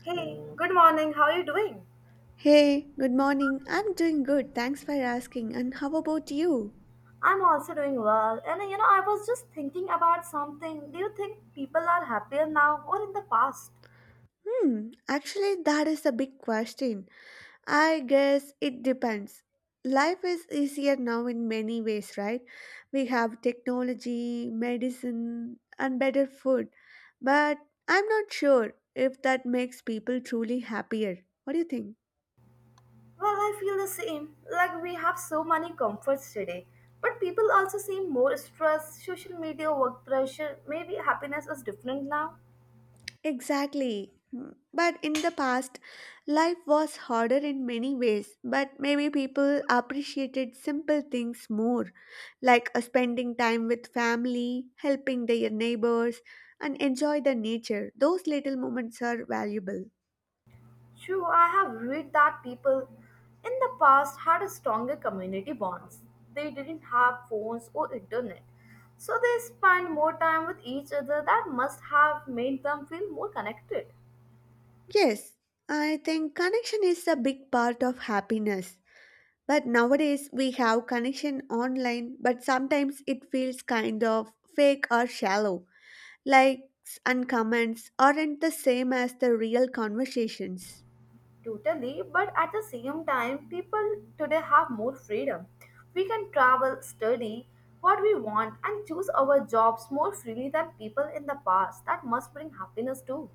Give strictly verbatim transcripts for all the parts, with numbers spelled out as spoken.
Hey, good morning. How are you doing? Hey, good morning. I'm doing good. Thanks for asking. And how about you? I'm also doing well. And uh, you know, I was just thinking about something. Do you think people are happier now or in the past? Hmm, actually, that is a big question. I guess it depends. Life is easier now in many ways, right? We have technology, medicine, and better food. But I'm not sure if that makes people truly happier. What do you think? Well, I feel the same. Like we have so many comforts today, but people also seem more stressed, social media, work pressure. Maybe happiness is different now. Exactly. Mm, But in the past, life was harder in many ways, but maybe people appreciated simple things more, like uh, spending time with family, helping their neighbors, and enjoy the nature. Those little moments are valuable. True, I have read that people in the past had a stronger community bonds. They didn't have phones or internet, so they spent more time with each other. That must have made them feel more connected. Yes, I think connection is a big part of happiness. But nowadays we have connection online, but sometimes it feels kind of fake or shallow. Likes and comments aren't the same as the real conversations. Totally, but at the same time, people today have more freedom. We can travel, study what we want, and choose our jobs more freely than people in the past. That must bring happiness too.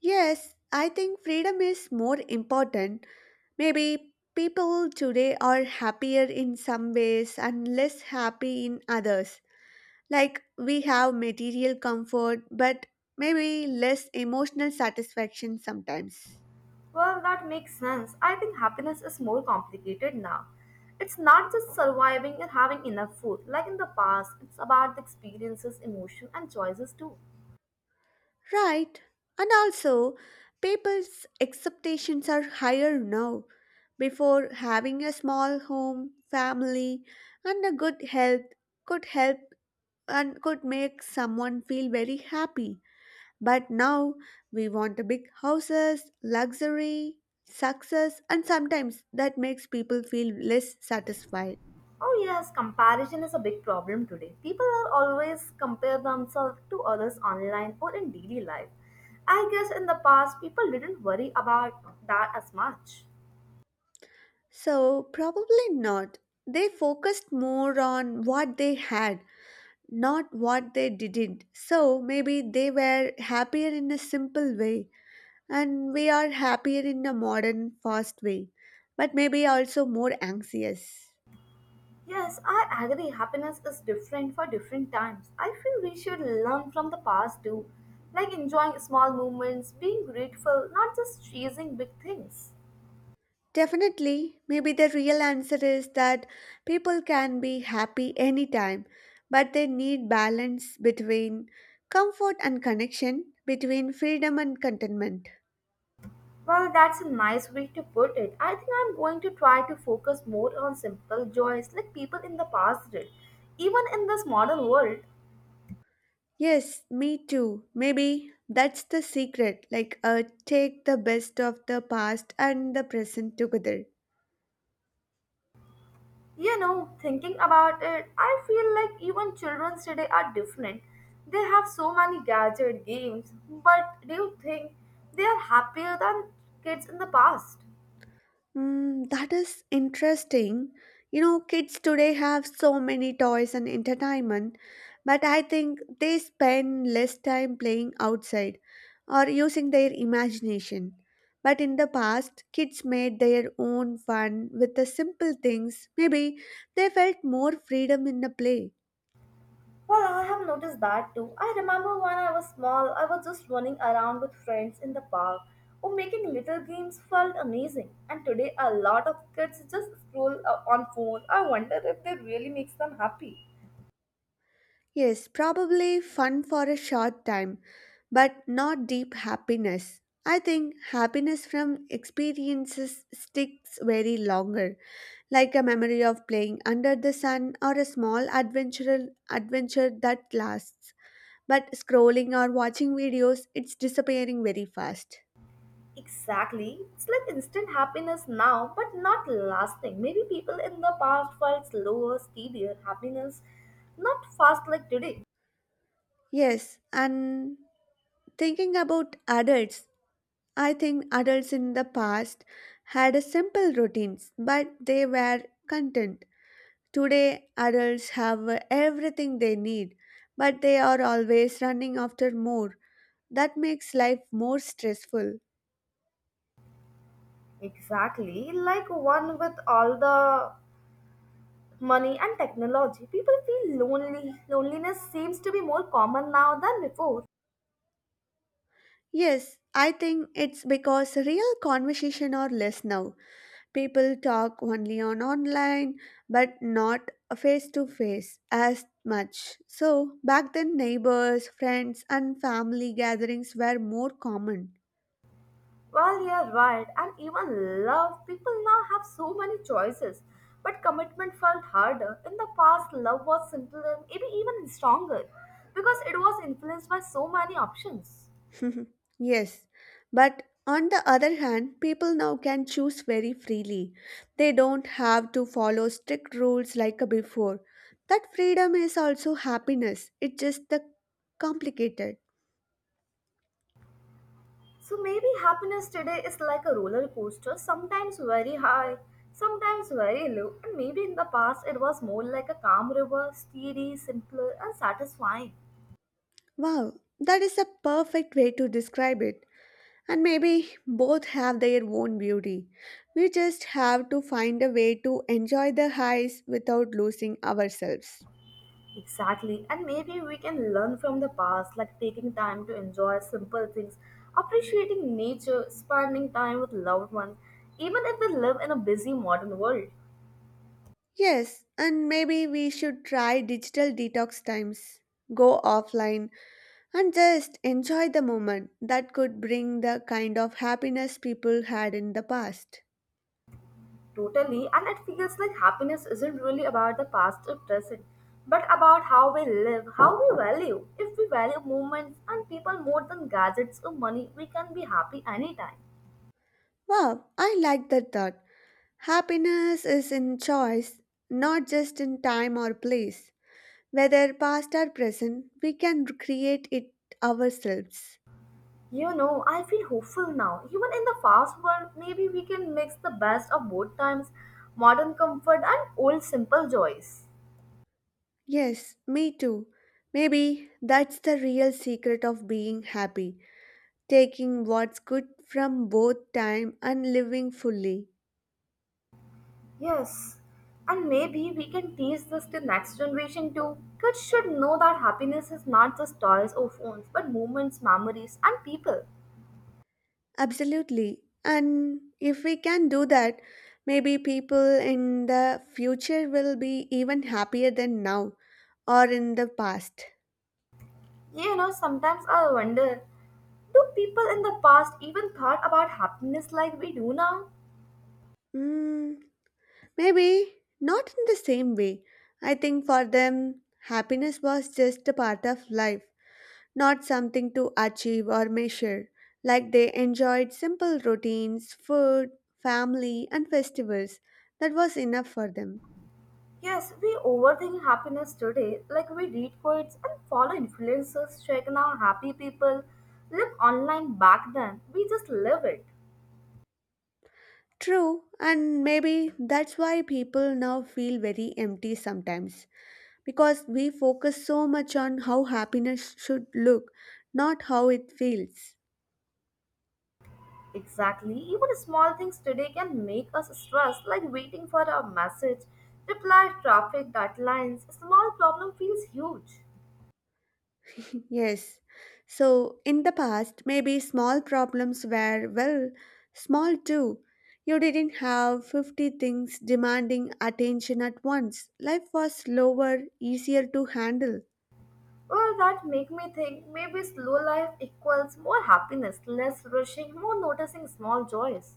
Yes, I think freedom is more important. Maybe people today are happier in some ways and less happy in others. Like we have material comfort, but maybe less emotional satisfaction sometimes. Well, that makes sense. I think happiness is more complicated now. It's not just surviving and having enough food. Like in the past, it's about the experiences, emotion, and choices too. Right, and also people's expectations are higher now. Before having a small home, family, and a good health could help and could make someone feel very happy. But now we want a big houses, luxury, success, and sometimes that makes people feel less satisfied. Oh, yes, comparison is a big problem today. People are always compare themselves to others online or in daily life. I guess in the past, people didn't worry about that as much. So, probably not. They focused more on what they had not what they didn't. So maybe they were happier in a simple way, and we are happier in a modern, fast way, but maybe also more anxious. Yes, I agree. Happiness is different for different times. I feel we should learn from the past too, like enjoying small moments, being grateful, not just chasing big things. Definitely, maybe the real answer is that people can be happy anytime, but they need balance between comfort and connection, between freedom and contentment. Well, that's a nice way to put it. I think I'm going to try to focus more on simple joys like people in the past did, even in this modern world. Yes, me too. Maybe that's the secret. Like, uh, take the best of the past and the present together. You know, thinking about it, I feel like even children today are different. They have so many gadget games, but do you think they are happier than kids in the past? Mm, that is interesting. You know, kids today have so many toys and entertainment, but I think they spend less time playing outside or using their imagination. But in the past, kids made their own fun with the simple things. Maybe they felt more freedom in the play. Well, I have noticed that too. I remember when I was small, I was just running around with friends in the park or making little games felt amazing. And today, a lot of kids just scroll uh, on phone. I wonder if they really makes them happy. Yes, probably fun for a short time, but not deep happiness. I think happiness from experiences sticks very longer, like a memory of playing under the sun or a small adventure adventure that lasts. But scrolling or watching videos, it's disappearing very fast. Exactly. It's like instant happiness now, but not lasting. Maybe people in the past felt slower, steadier happiness, not fast like today. Yes, and thinking about adults, I think adults in the past had a simple routines, but they were content. Today, adults have everything they need, but they are always running after more. That makes life more stressful. Exactly. Like one with all the money and technology. People feel lonely. Loneliness seems to be more common now than before. Yes, I think it's because real conversation are less now. People talk only on online, but not face to face as much. So, back then, neighbors, friends, and family gatherings were more common. Well, you're right. And even love, people now have so many choices. But commitment felt harder. In the past, love was simpler, maybe even stronger, because it was influenced by so many options. Yes, but on the other hand, people now can choose very freely. They don't have to follow strict rules like before. That freedom is also happiness. It's just the complicated. So maybe happiness today is like a roller coaster, sometimes very high, sometimes very low. And maybe in the past, it was more like a calm river, steady, simpler, and satisfying. Wow, that is a perfect way to describe it. And maybe both have their own beauty. We just have to find a way to enjoy the highs without losing ourselves. Exactly, and maybe we can learn from the past, like taking time to enjoy simple things, appreciating nature, spending time with loved ones, even if we live in a busy modern world. Yes, and maybe we should try digital detox times. Go offline and just enjoy the moment. That could bring the kind of happiness people had in the past. Totally, and it feels like happiness isn't really about the past or present, but about how we live, how we value. If we value moments and people more than gadgets or money, we can be happy anytime. Wow, I like that thought. Happiness is in choice, not just in time or place. Whether past or present, we can create it ourselves. You know, I feel hopeful now. Even in the fast world, maybe we can mix the best of both times modern comfort and old simple joys. Yes, me too. Maybe that's the real secret of being happy taking what's good from both time and living fully. Yes, and maybe we can teach this to next generation too. Kids should know that happiness is not just toys or phones, but moments, memories, and people. Absolutely. And if we can do that, maybe people in the future will be even happier than now or in the past. You know, sometimes I wonder do people in the past even thought about happiness like we do now? Mm, Maybe not in the same way. I think for them, happiness was just a part of life, not something to achieve or measure. Like they enjoyed simple routines, food, family, and festivals. That was enough for them. Yes, we overthink happiness today. Like we read quotes and follow influencers, check now happy people live online back then. We just live it. True, and maybe that's why people now feel very empty sometimes because we focus so much on how happiness should look, not how it feels. Exactly. Even small things today can make us stressed, like waiting for a message, reply traffic deadlines. Small problem feels huge. Yes. So, in the past, maybe small problems were, well, small too. You didn't have fifty things demanding attention at once. Life was slower, easier to handle. Well, that make me think maybe slow life equals more happiness, less rushing, more noticing small joys.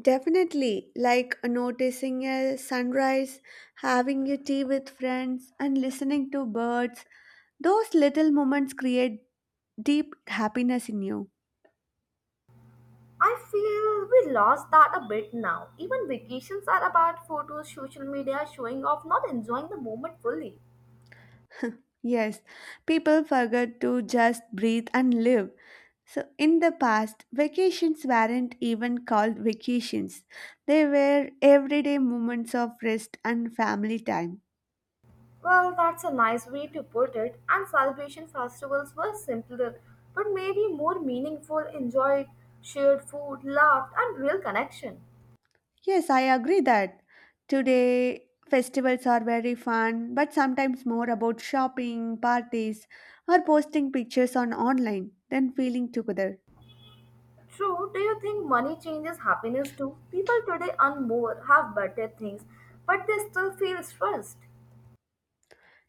Definitely, like noticing a sunrise, having your tea with friends, and listening to birds. Those little moments create deep happiness in you. I feel we lost that a bit now. Even vacations are about photos, social media, showing off, not enjoying the moment fully. Yes, people forget to just breathe and live. So, in the past, vacations weren't even called vacations. They were everyday moments of rest and family time. Well, that's a nice way to put it, and celebration festivals were simpler, but maybe more meaningful, enjoyed, shared food, laughed, and real connection. Yes, I agree that today festivals are very fun, but sometimes more about shopping, parties, or posting pictures on online than feeling together. True, do you think money changes happiness too? People today earn more, have better things, but they still feel stressed.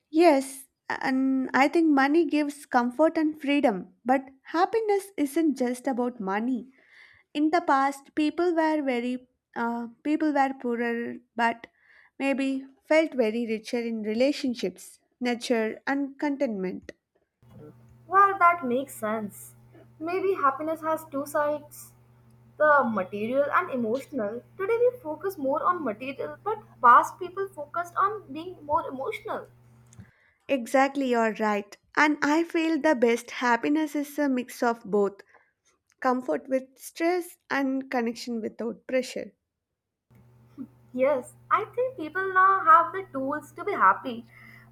Yes, and I think money gives comfort and freedom, but happiness isn't just about money. In the past, people were very uh, people were poorer, but maybe felt very richer in relationships, nature, and contentment. Well, that makes sense. Maybe happiness has two sides the material and emotional. Today we focus more on material, but past people focused on being more emotional. Exactly, you're right. And I feel the best happiness is a mix of both comfort with stress and connection without pressure. Yes, I think people now have the tools to be happy,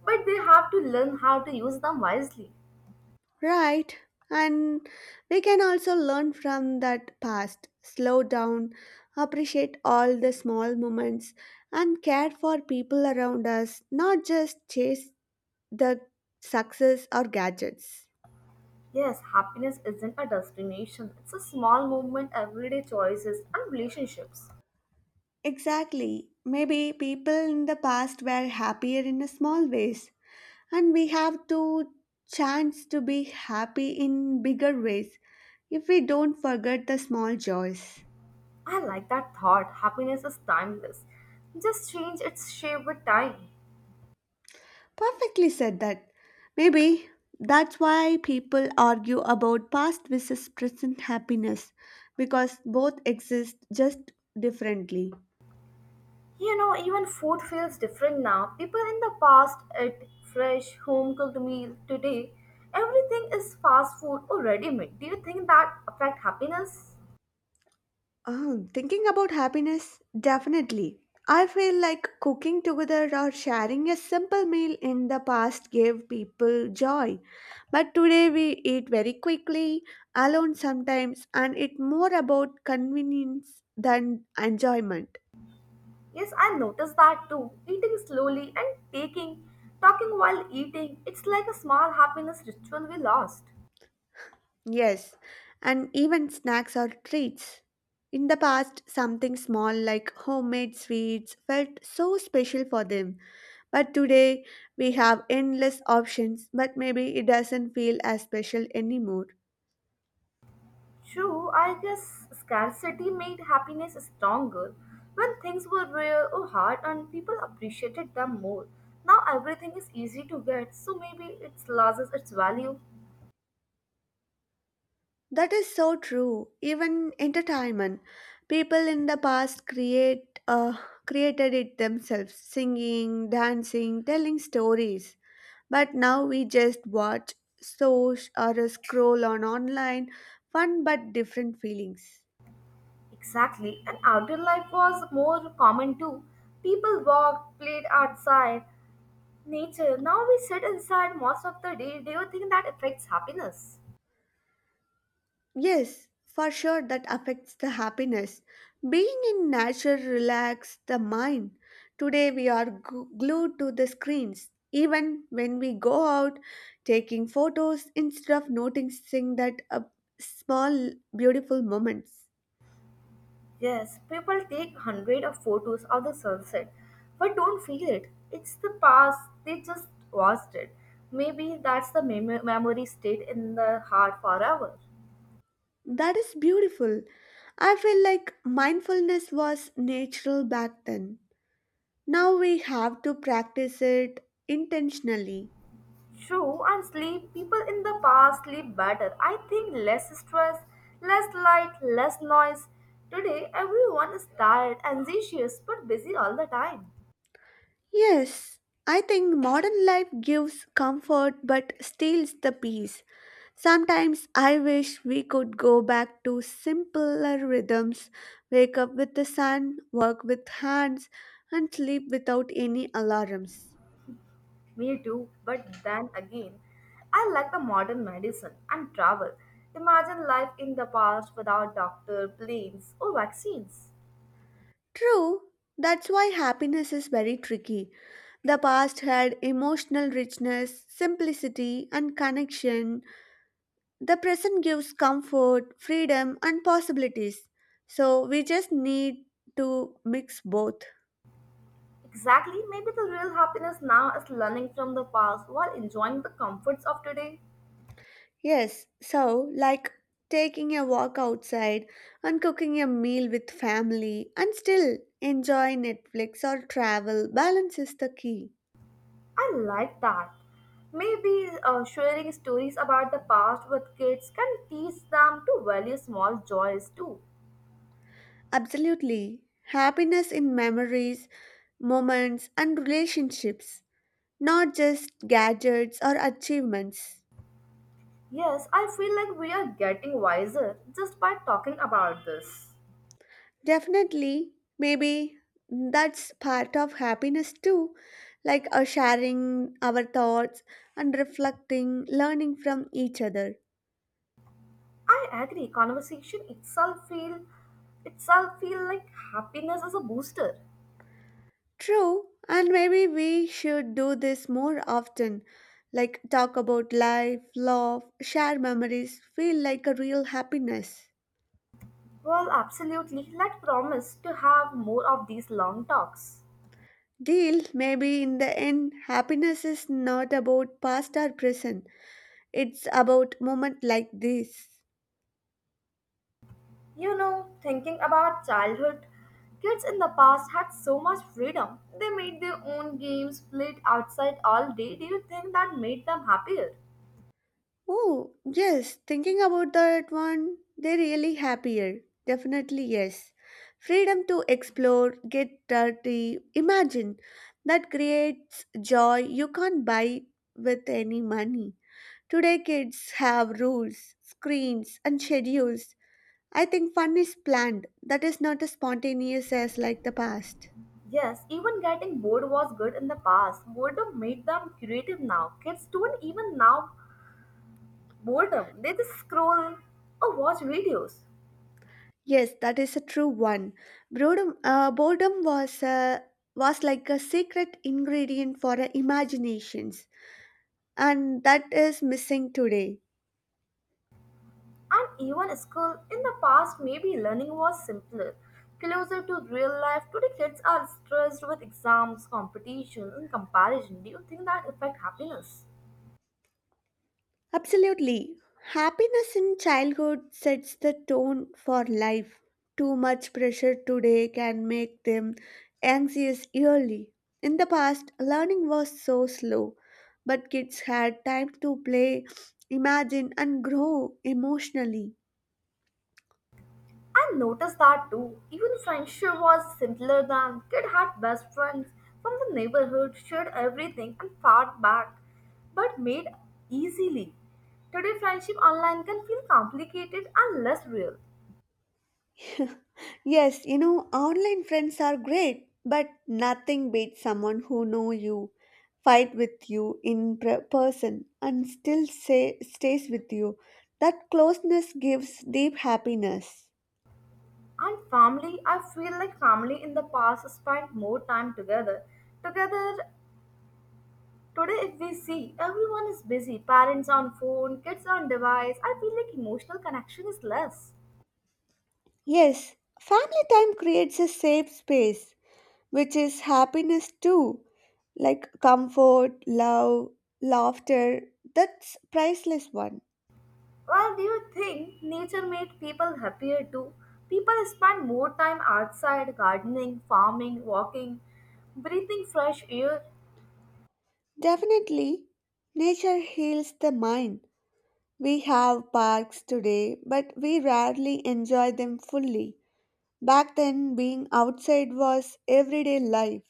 but they have to learn how to use them wisely. Right, and we can also learn from that past, slow down, appreciate all the small moments, and care for people around us, not just chase the success or gadgets. Yes, happiness isn't a destination, it's a small movement, everyday choices, and relationships. Exactly. Maybe people in the past were happier in a small ways, and we have to chance to be happy in bigger ways if we don't forget the small joys. I like that thought. Happiness is timeless. Just change its shape with time. Perfectly said that. Maybe that's why people argue about past versus present happiness because both exist just differently. You know, even food feels different now. People in the past ate fresh, home cooked meal. Today, everything is fast food or ready made. Do you think that affect happiness? Um, thinking about happiness, definitely. I feel like cooking together or sharing a simple meal in the past gave people joy. But today we eat very quickly, alone sometimes, and it's more about convenience than enjoyment. Yes, I noticed that too. Eating slowly and taking, talking while eating, it's like a small happiness ritual we lost. Yes, and even snacks or treats. In the past, something small like homemade sweets felt so special for them. But today, we have endless options, but maybe it doesn't feel as special anymore. True, I guess scarcity made happiness stronger. When things were rare or hard and people appreciated them more. Now everything is easy to get, so maybe it loses its value. That is so true. Even entertainment. People in the past create uh, created it themselves, singing, dancing, telling stories. But now we just watch, search, or scroll on online, fun but different feelings. Exactly, and outdoor life was more common too. People walked, played outside, nature. Now we sit inside most of the day. Do you think that affects happiness? Yes, for sure that affects the happiness. Being in nature relaxes the mind. Today we are gu- glued to the screens. Even when we go out taking photos instead of noticing that uh, small beautiful moments. Yes, people take hundred of photos of the sunset, but don't feel it. It's the past. They just watched it. Maybe that's the mem- memory stayed in the heart forever. That is beautiful. I feel like mindfulness was natural back then. Now we have to practice it intentionally. True, and sleep. People in the past sleep better. I think less stress, less light, less noise. Today, everyone is tired, anxious, but busy all the time. Yes, I think modern life gives comfort but steals the peace. Sometimes I wish we could go back to simpler rhythms wake up with the sun, work with hands, and sleep without any alarms. Me too, but then again, I like the modern medicine and travel. Imagine life in the past without doctor, planes, or vaccines. True, that's why happiness is very tricky. The past had emotional richness, simplicity, and connection. The present gives comfort, freedom, and possibilities. So we just need to mix both. Exactly, maybe the real happiness now is learning from the past while enjoying the comforts of today. Yes, so like taking a walk outside and cooking a meal with family and still enjoy Netflix or travel, balance is the key. I like that. Maybe uh, sharing stories about the past with kids can teach them to value small joys too. Absolutely. Happiness in memories, moments, and relationships, not just gadgets or achievements. Yes, I feel like we are getting wiser just by talking about this. Definitely, maybe that's part of happiness too, like uh, sharing our thoughts and reflecting, learning from each other. I agree. Conversation itself feel itself feel like happiness as a booster. True, and maybe we should do this more often, like talk about life, love, share memories, feel like a real happiness. Well, absolutely. Let promise to have more of these long talks. Deal, maybe in the end, happiness is not about past or present, it's about moment like this. You know, thinking about childhood, kids in the past had so much freedom. They made their own games, played outside all day. Do you think that made them happier? Oh, yes, thinking about that one, they're really happier. Definitely, yes. Freedom to explore, get dirty, imagine. That creates joy you can't buy with any money. Today, kids have rules, screens, and schedules. I think fun is planned, that is not as spontaneous as like the past. Yes, even getting bored was good in the past. Boredom made them creative now. Kids don't even now boredom. They just scroll or watch videos. Yes, that is a true one. Boredom, uh, boredom was uh, was like a secret ingredient for our imaginations, and that is missing today. And even school in the past, maybe learning was simpler, closer to real life. Today, kids are stressed with exams, competition, and comparison. Do you think that affect happiness? Absolutely, happiness in childhood sets the tone for life. Too much pressure today can make them anxious early. In the past, learning was so slow, but kids had time to play, imagine, and grow emotionally. I noticed that too. Even friendship was simpler than Kid had best friends from the neighborhood, shared everything, and fought back, but made easily. Today, friendship online can feel complicated and less real. Yes, you know, online friends are great, but nothing beats someone who know you, fight with you in pre- person, and still say, stays with you. That closeness gives deep happiness. And family, I feel like family in the past spent more time together. Together, today if we see, everyone is busy. Parents on phone, kids on device. I feel like emotional connection is less. Yes, family time creates a safe space, which is happiness too, like comfort, love, laughter. That's priceless one. Well, do you think nature made people happier too? People spend more time outside, gardening, farming, walking, breathing fresh air. Definitely, nature heals the mind. We have parks today, but we rarely enjoy them fully. Back then, being outside was everyday life.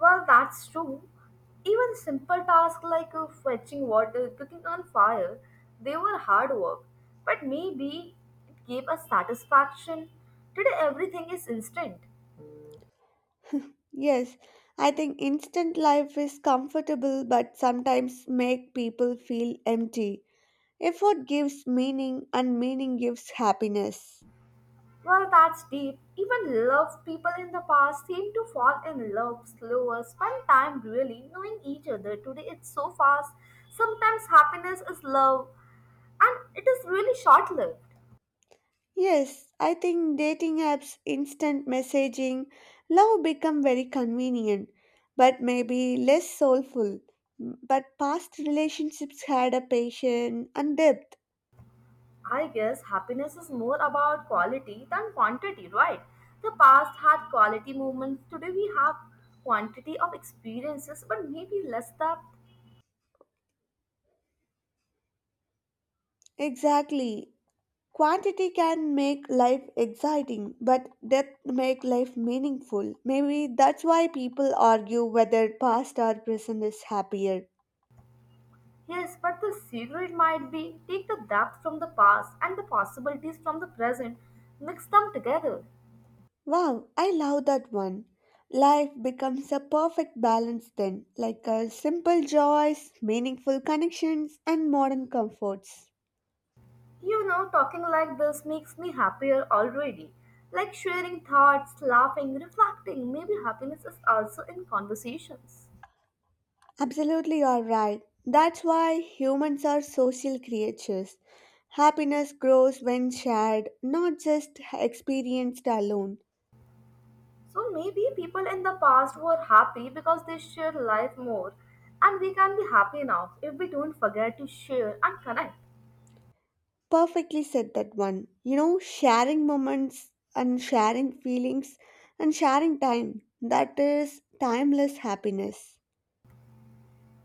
Well, that's true. Even simple tasks like uh, fetching water, cooking on fire, they were hard work, but maybe it gave us satisfaction. Today, everything is instant. Yes, I think instant life is comfortable but sometimes make people feel empty. Effort gives meaning and meaning gives happiness. Well, that's deep. Even love people in the past seem to fall in love slower, spend time really knowing each other. Today, it's so fast. Sometimes happiness is love, and it is really short lived. Yes, I think dating apps, instant messaging, love become very convenient, but maybe less soulful. But past relationships had a patience and depth. I guess happiness is more about quality than quantity, right? The past had quality moments, today we have quantity of experiences, but maybe less depth. Exactly. Quantity can make life exciting, but depth make life meaningful. Maybe that's why people argue whether past or present is happier. Yes, but the secret might be take the depth from the past and the possibilities from the present, mix them together. Wow, I love that one. Life becomes a perfect balance then, like a simple joys, meaningful connections, and modern comforts. You know, talking like this makes me happier already. Like sharing thoughts, laughing, reflecting, maybe happiness is also in conversations. Absolutely, you are right. That's why humans are social creatures. Happiness grows when shared, not just experienced alone. So maybe people in the past were happy because they shared life more, and we can be happy now if we don't forget to share and connect. Perfectly said that one. You know, sharing moments and sharing feelings and sharing time. That is timeless happiness.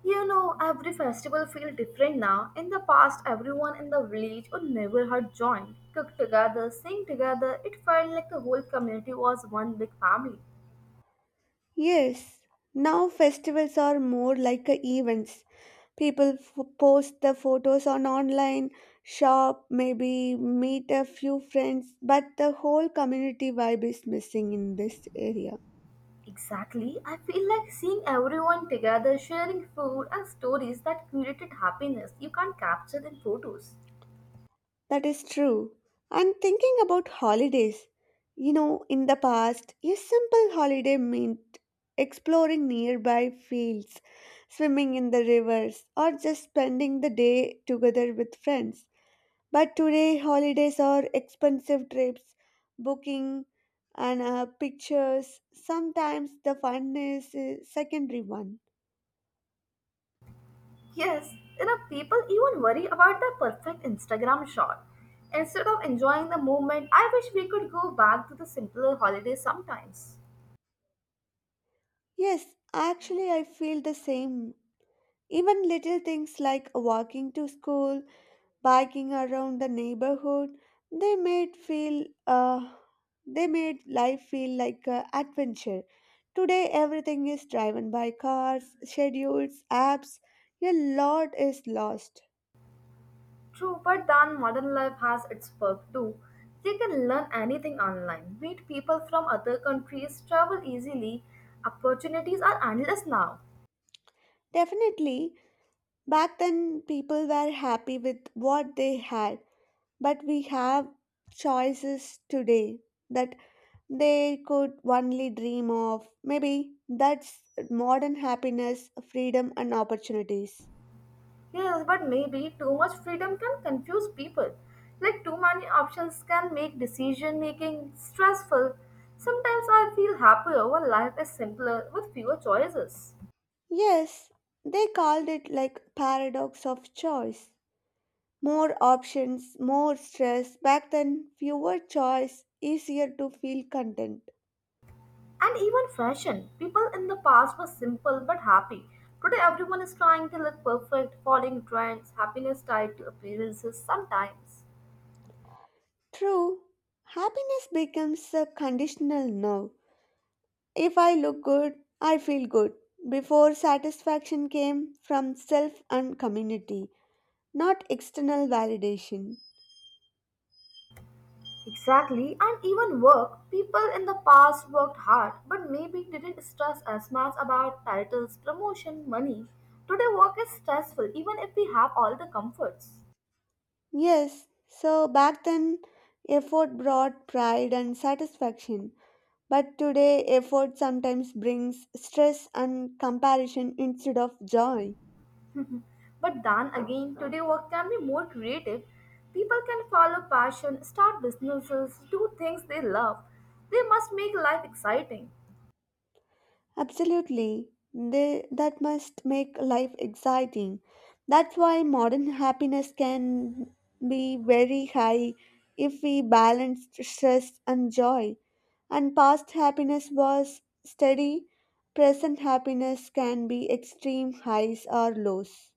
You know, every festival feels different now. In the past, everyone in the village or neighborhood joined, cooked together, sang together. It felt like the whole community was one big family. Yes, now festivals are more like a events. People f- post the photos on online, shop, maybe meet a few friends, but the whole community vibe is missing in this area. Exactly, I feel like seeing everyone together, sharing food and stories that created happiness you can't capture in photos. That is true. And thinking about holidays, you know, in the past, a simple holiday meant exploring nearby fields, swimming in the rivers, or just spending the day together with friends. But today, holidays are expensive trips, booking, and uh, pictures. Sometimes the fun is a secondary one. Yes, you know, people even worry about the perfect Instagram shot. Instead of enjoying the moment, I wish we could go back to the simpler holidays sometimes. Yes, actually, I feel the same. Even little things like walking to school, biking around the neighborhood, they made feel uh, they made life feel like an adventure. Today, everything is driven by cars, schedules, apps. A lot is lost. True, but then modern life has its perk too. You can learn anything online, meet people from other countries, travel easily. Opportunities are endless now. Definitely, back then, people were happy with what they had, but we have choices today that they could only dream of. Maybe that's modern happiness, freedom, and opportunities. Yes, but maybe too much freedom can confuse people. Like too many options can make decision making stressful. Sometimes I feel happier when life is simpler with fewer choices. Yes, they called it like paradox of choice. More options, more stress. Back then, fewer choice, easier to feel content. And even fashion. People in the past were simple but happy. Today everyone is trying to look perfect, following trends, happiness tied to appearances sometimes. True, happiness becomes a conditional now. If I look good, I feel good. Before satisfaction came from self and community, not external validation. Exactly, and even work. People in the past worked hard, but maybe didn't stress as much about titles, promotion, money. Today, work is stressful, even if we have all the comforts. Yes, so back then effort brought pride and satisfaction, but today effort sometimes brings stress and comparison instead of joy. But then again, today work can be more creative. People can follow passion, start businesses, do things they love. They must make life exciting. Absolutely. They, that must make life exciting. That's why modern happiness can be very high if we balance stress and joy. And past happiness was steady, present happiness can be extreme highs or lows.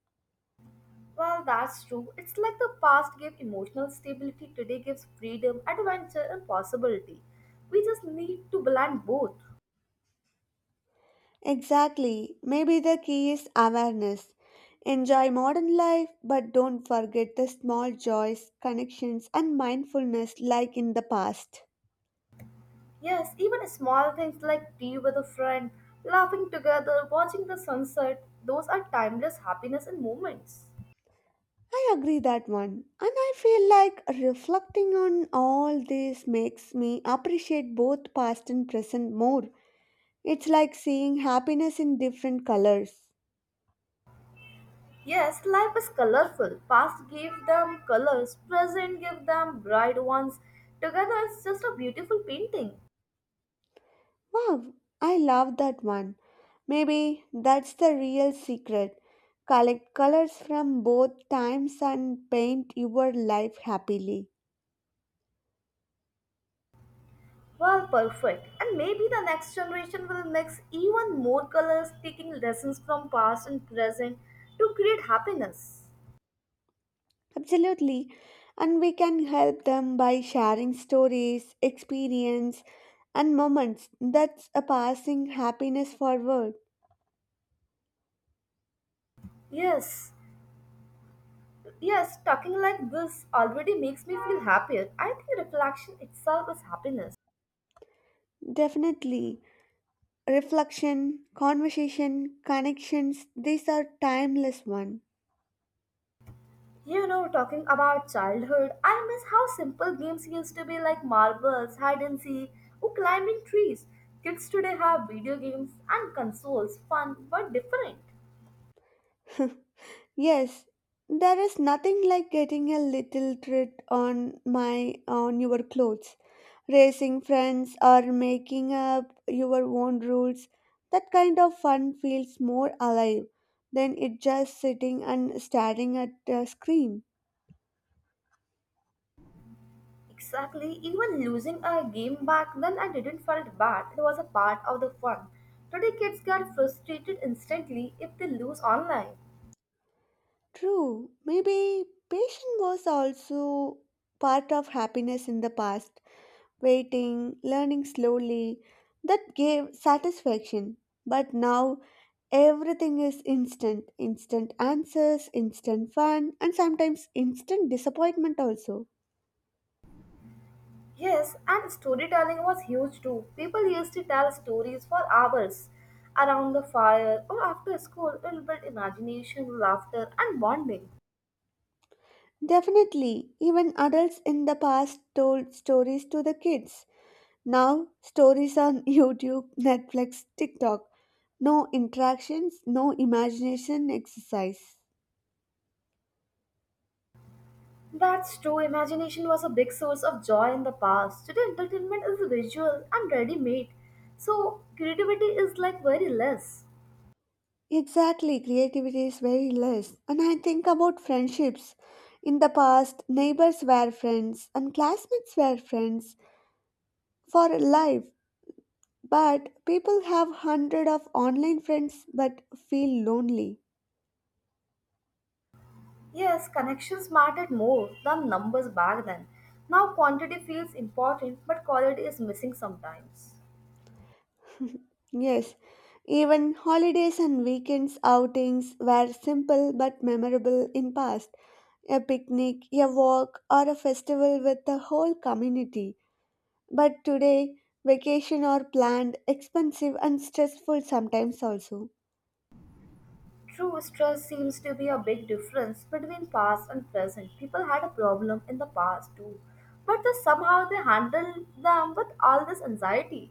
Well, that's true. It's like the past gave emotional stability, today gives freedom, adventure, and possibility. We just need to blend both. Exactly. Maybe the key is awareness. Enjoy modern life, but don't forget the small joys, connections, and mindfulness like in the past. Yes, even small things like tea with a friend, laughing together, watching the sunset, those are timeless happiness and moments. I agree that one. And I feel like reflecting on all this makes me appreciate both past and present more. It's like seeing happiness in different colors. Yes, life is colorful. Past gave them colors, present gave them bright ones. Together it's just a beautiful painting. Wow, I love that one. Maybe that's the real secret. Collect colors from both times and paint your life happily. Well, perfect. And maybe the next generation will mix even more colors, taking lessons from past and present to create happiness. Absolutely. And we can help them by sharing stories, experience, and moments that's a passing happiness forward. Yes, Yes, talking like this already makes me feel happier. I think reflection itself is happiness. Definitely. Reflection, conversation, connections, these are timeless one. You know, talking about childhood, I miss how simple games used to be like marbles, hide and seek, or climbing trees. Kids today have video games and consoles, fun but different. Yes, there is nothing like getting a little treat on my on your clothes, racing friends or making up your own rules. That kind of fun feels more alive than it just sitting and staring at a screen. Exactly, even losing a game back then I didn't felt bad. It was a part of the fun. Today kids get frustrated instantly if they lose online. True, maybe patience was also part of happiness in the past. Waiting, learning slowly, that gave satisfaction. But now everything is instant, instant answers, instant fun, and sometimes instant disappointment also. Yes, and storytelling was huge too. People used to tell stories for hours around the fire or after school. It built imagination, laughter, and bonding. Definitely, even adults in the past told stories to the kids. Now, stories on YouTube, Netflix, TikTok. No interactions, no imagination exercise. That's true. Imagination was a big source of joy in the past. Today, entertainment is visual and ready made. So, creativity is like very less. Exactly, creativity is very less. And I think about friendships. In the past, neighbors were friends and classmates were friends for life. But people have hundred of online friends but feel lonely. Yes, connections mattered more than numbers back then. Now, quantity feels important, but quality is missing sometimes. Yes, even holidays and weekends outings were simple but memorable in past. A picnic, a walk, or a festival with the whole community. But today, vacation are planned, expensive and stressful sometimes also. True stress seems to be a big difference between past and present. People had a problem in the past too, but they, somehow they handle them with all this anxiety.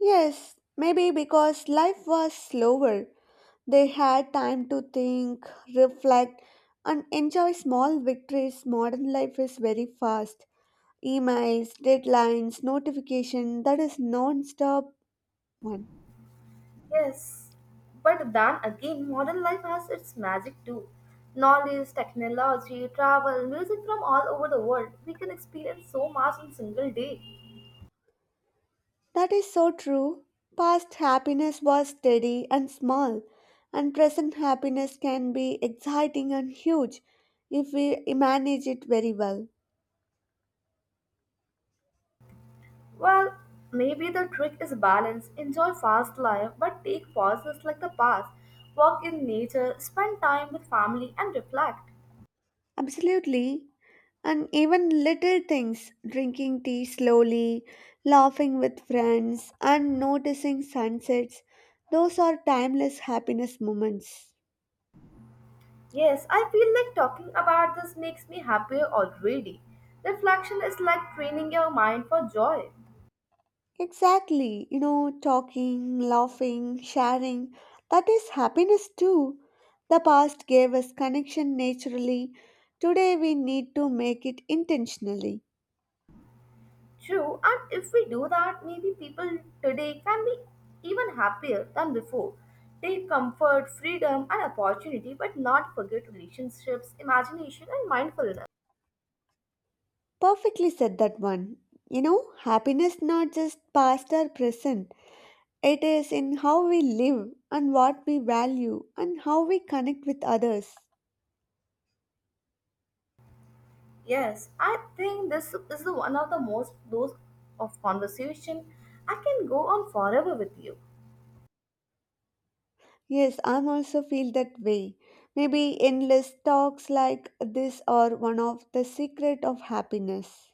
Yes, maybe because life was slower. They had time to think, reflect, and enjoy small victories. Modern life is very fast. Emails, deadlines, notification, that is non-stop one. Yes, but then again, modern life has its magic too. Knowledge, technology, travel, music from all over the world. We can experience so much in single day. That is so true. Past happiness was steady and small, and present happiness can be exciting and huge if we manage it very well. Well, maybe the trick is balance. Enjoy fast life, but take pauses like the past. Walk in nature, spend time with family, and reflect. Absolutely. And even little things, drinking tea slowly, laughing with friends, and noticing sunsets, those are timeless happiness moments. Yes, I feel like talking about this makes me happier already. Reflection is like training your mind for joy. Exactly, you know, talking, laughing, sharing, that is happiness too. The past gave us connection naturally. Today we need to make it intentionally. True, and if we do that, maybe people today can be even happier than before. Take comfort, freedom, and opportunity, but not forget relationships, imagination, and mindfulness. Perfectly said that one. You know, happiness not just past or present. It is in how we live and what we value and how we connect with others. Yes, I think this is the one of the most those of conversation. I can go on forever with you. Yes, I'm also feel that way. Maybe endless talks like this are one of the secret of happiness.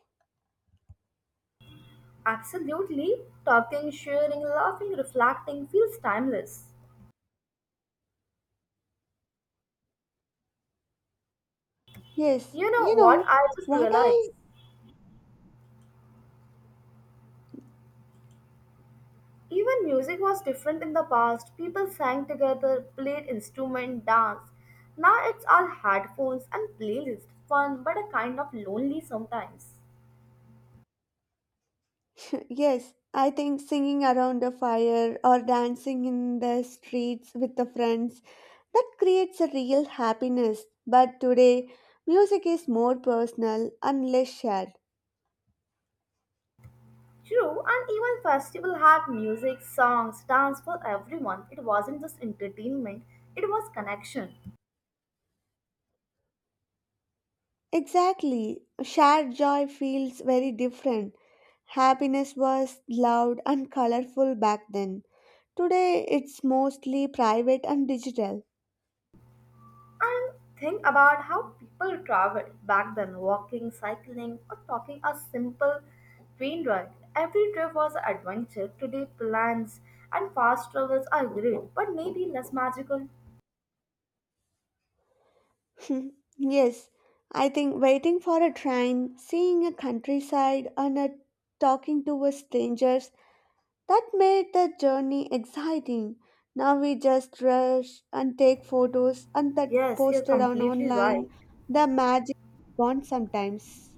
Absolutely. Talking, sharing, laughing, reflecting feels timeless. Yes, You know you what? know I just what realized. I Even music was different in the past. People sang together, played instrument, danced. Now it's all headphones and playlist. Fun, but a kind of lonely sometimes. yes, I think singing around a fire or dancing in the streets with the friends that creates a real happiness. But today, music is more personal and less shared. True, and even festival had music, songs, dance for everyone. It wasn't just entertainment, it was connection. Exactly, shared joy feels very different. Happiness was loud and colorful back then. Today, it's mostly private and digital. And think about how people traveled back then walking, cycling, or taking a simple train ride. Every trip was an adventure. Today, plans and fast travels are great, but maybe less magical. Hmm, yes, I think waiting for a train, seeing a countryside, and uh, talking to a strangers that made the journey exciting. Now we just rush and take photos and that Yes, you're posted on completely right. online. The magic gone sometimes.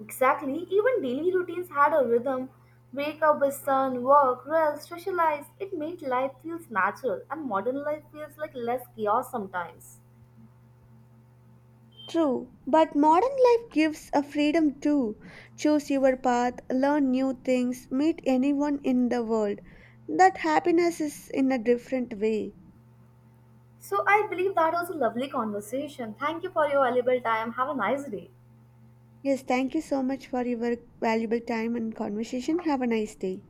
Exactly, even daily routines had a rhythm. Wake up with sun, work, rest, socialize. It made life feels natural, and modern life feels like less chaos sometimes. True, but modern life gives a freedom too. Choose your path, learn new things, meet anyone in the world. That happiness is in a different way. So I believe that was a lovely conversation. Thank you for your valuable time. Have a nice day. Yes, thank you so much for your valuable time and conversation. Have a nice day.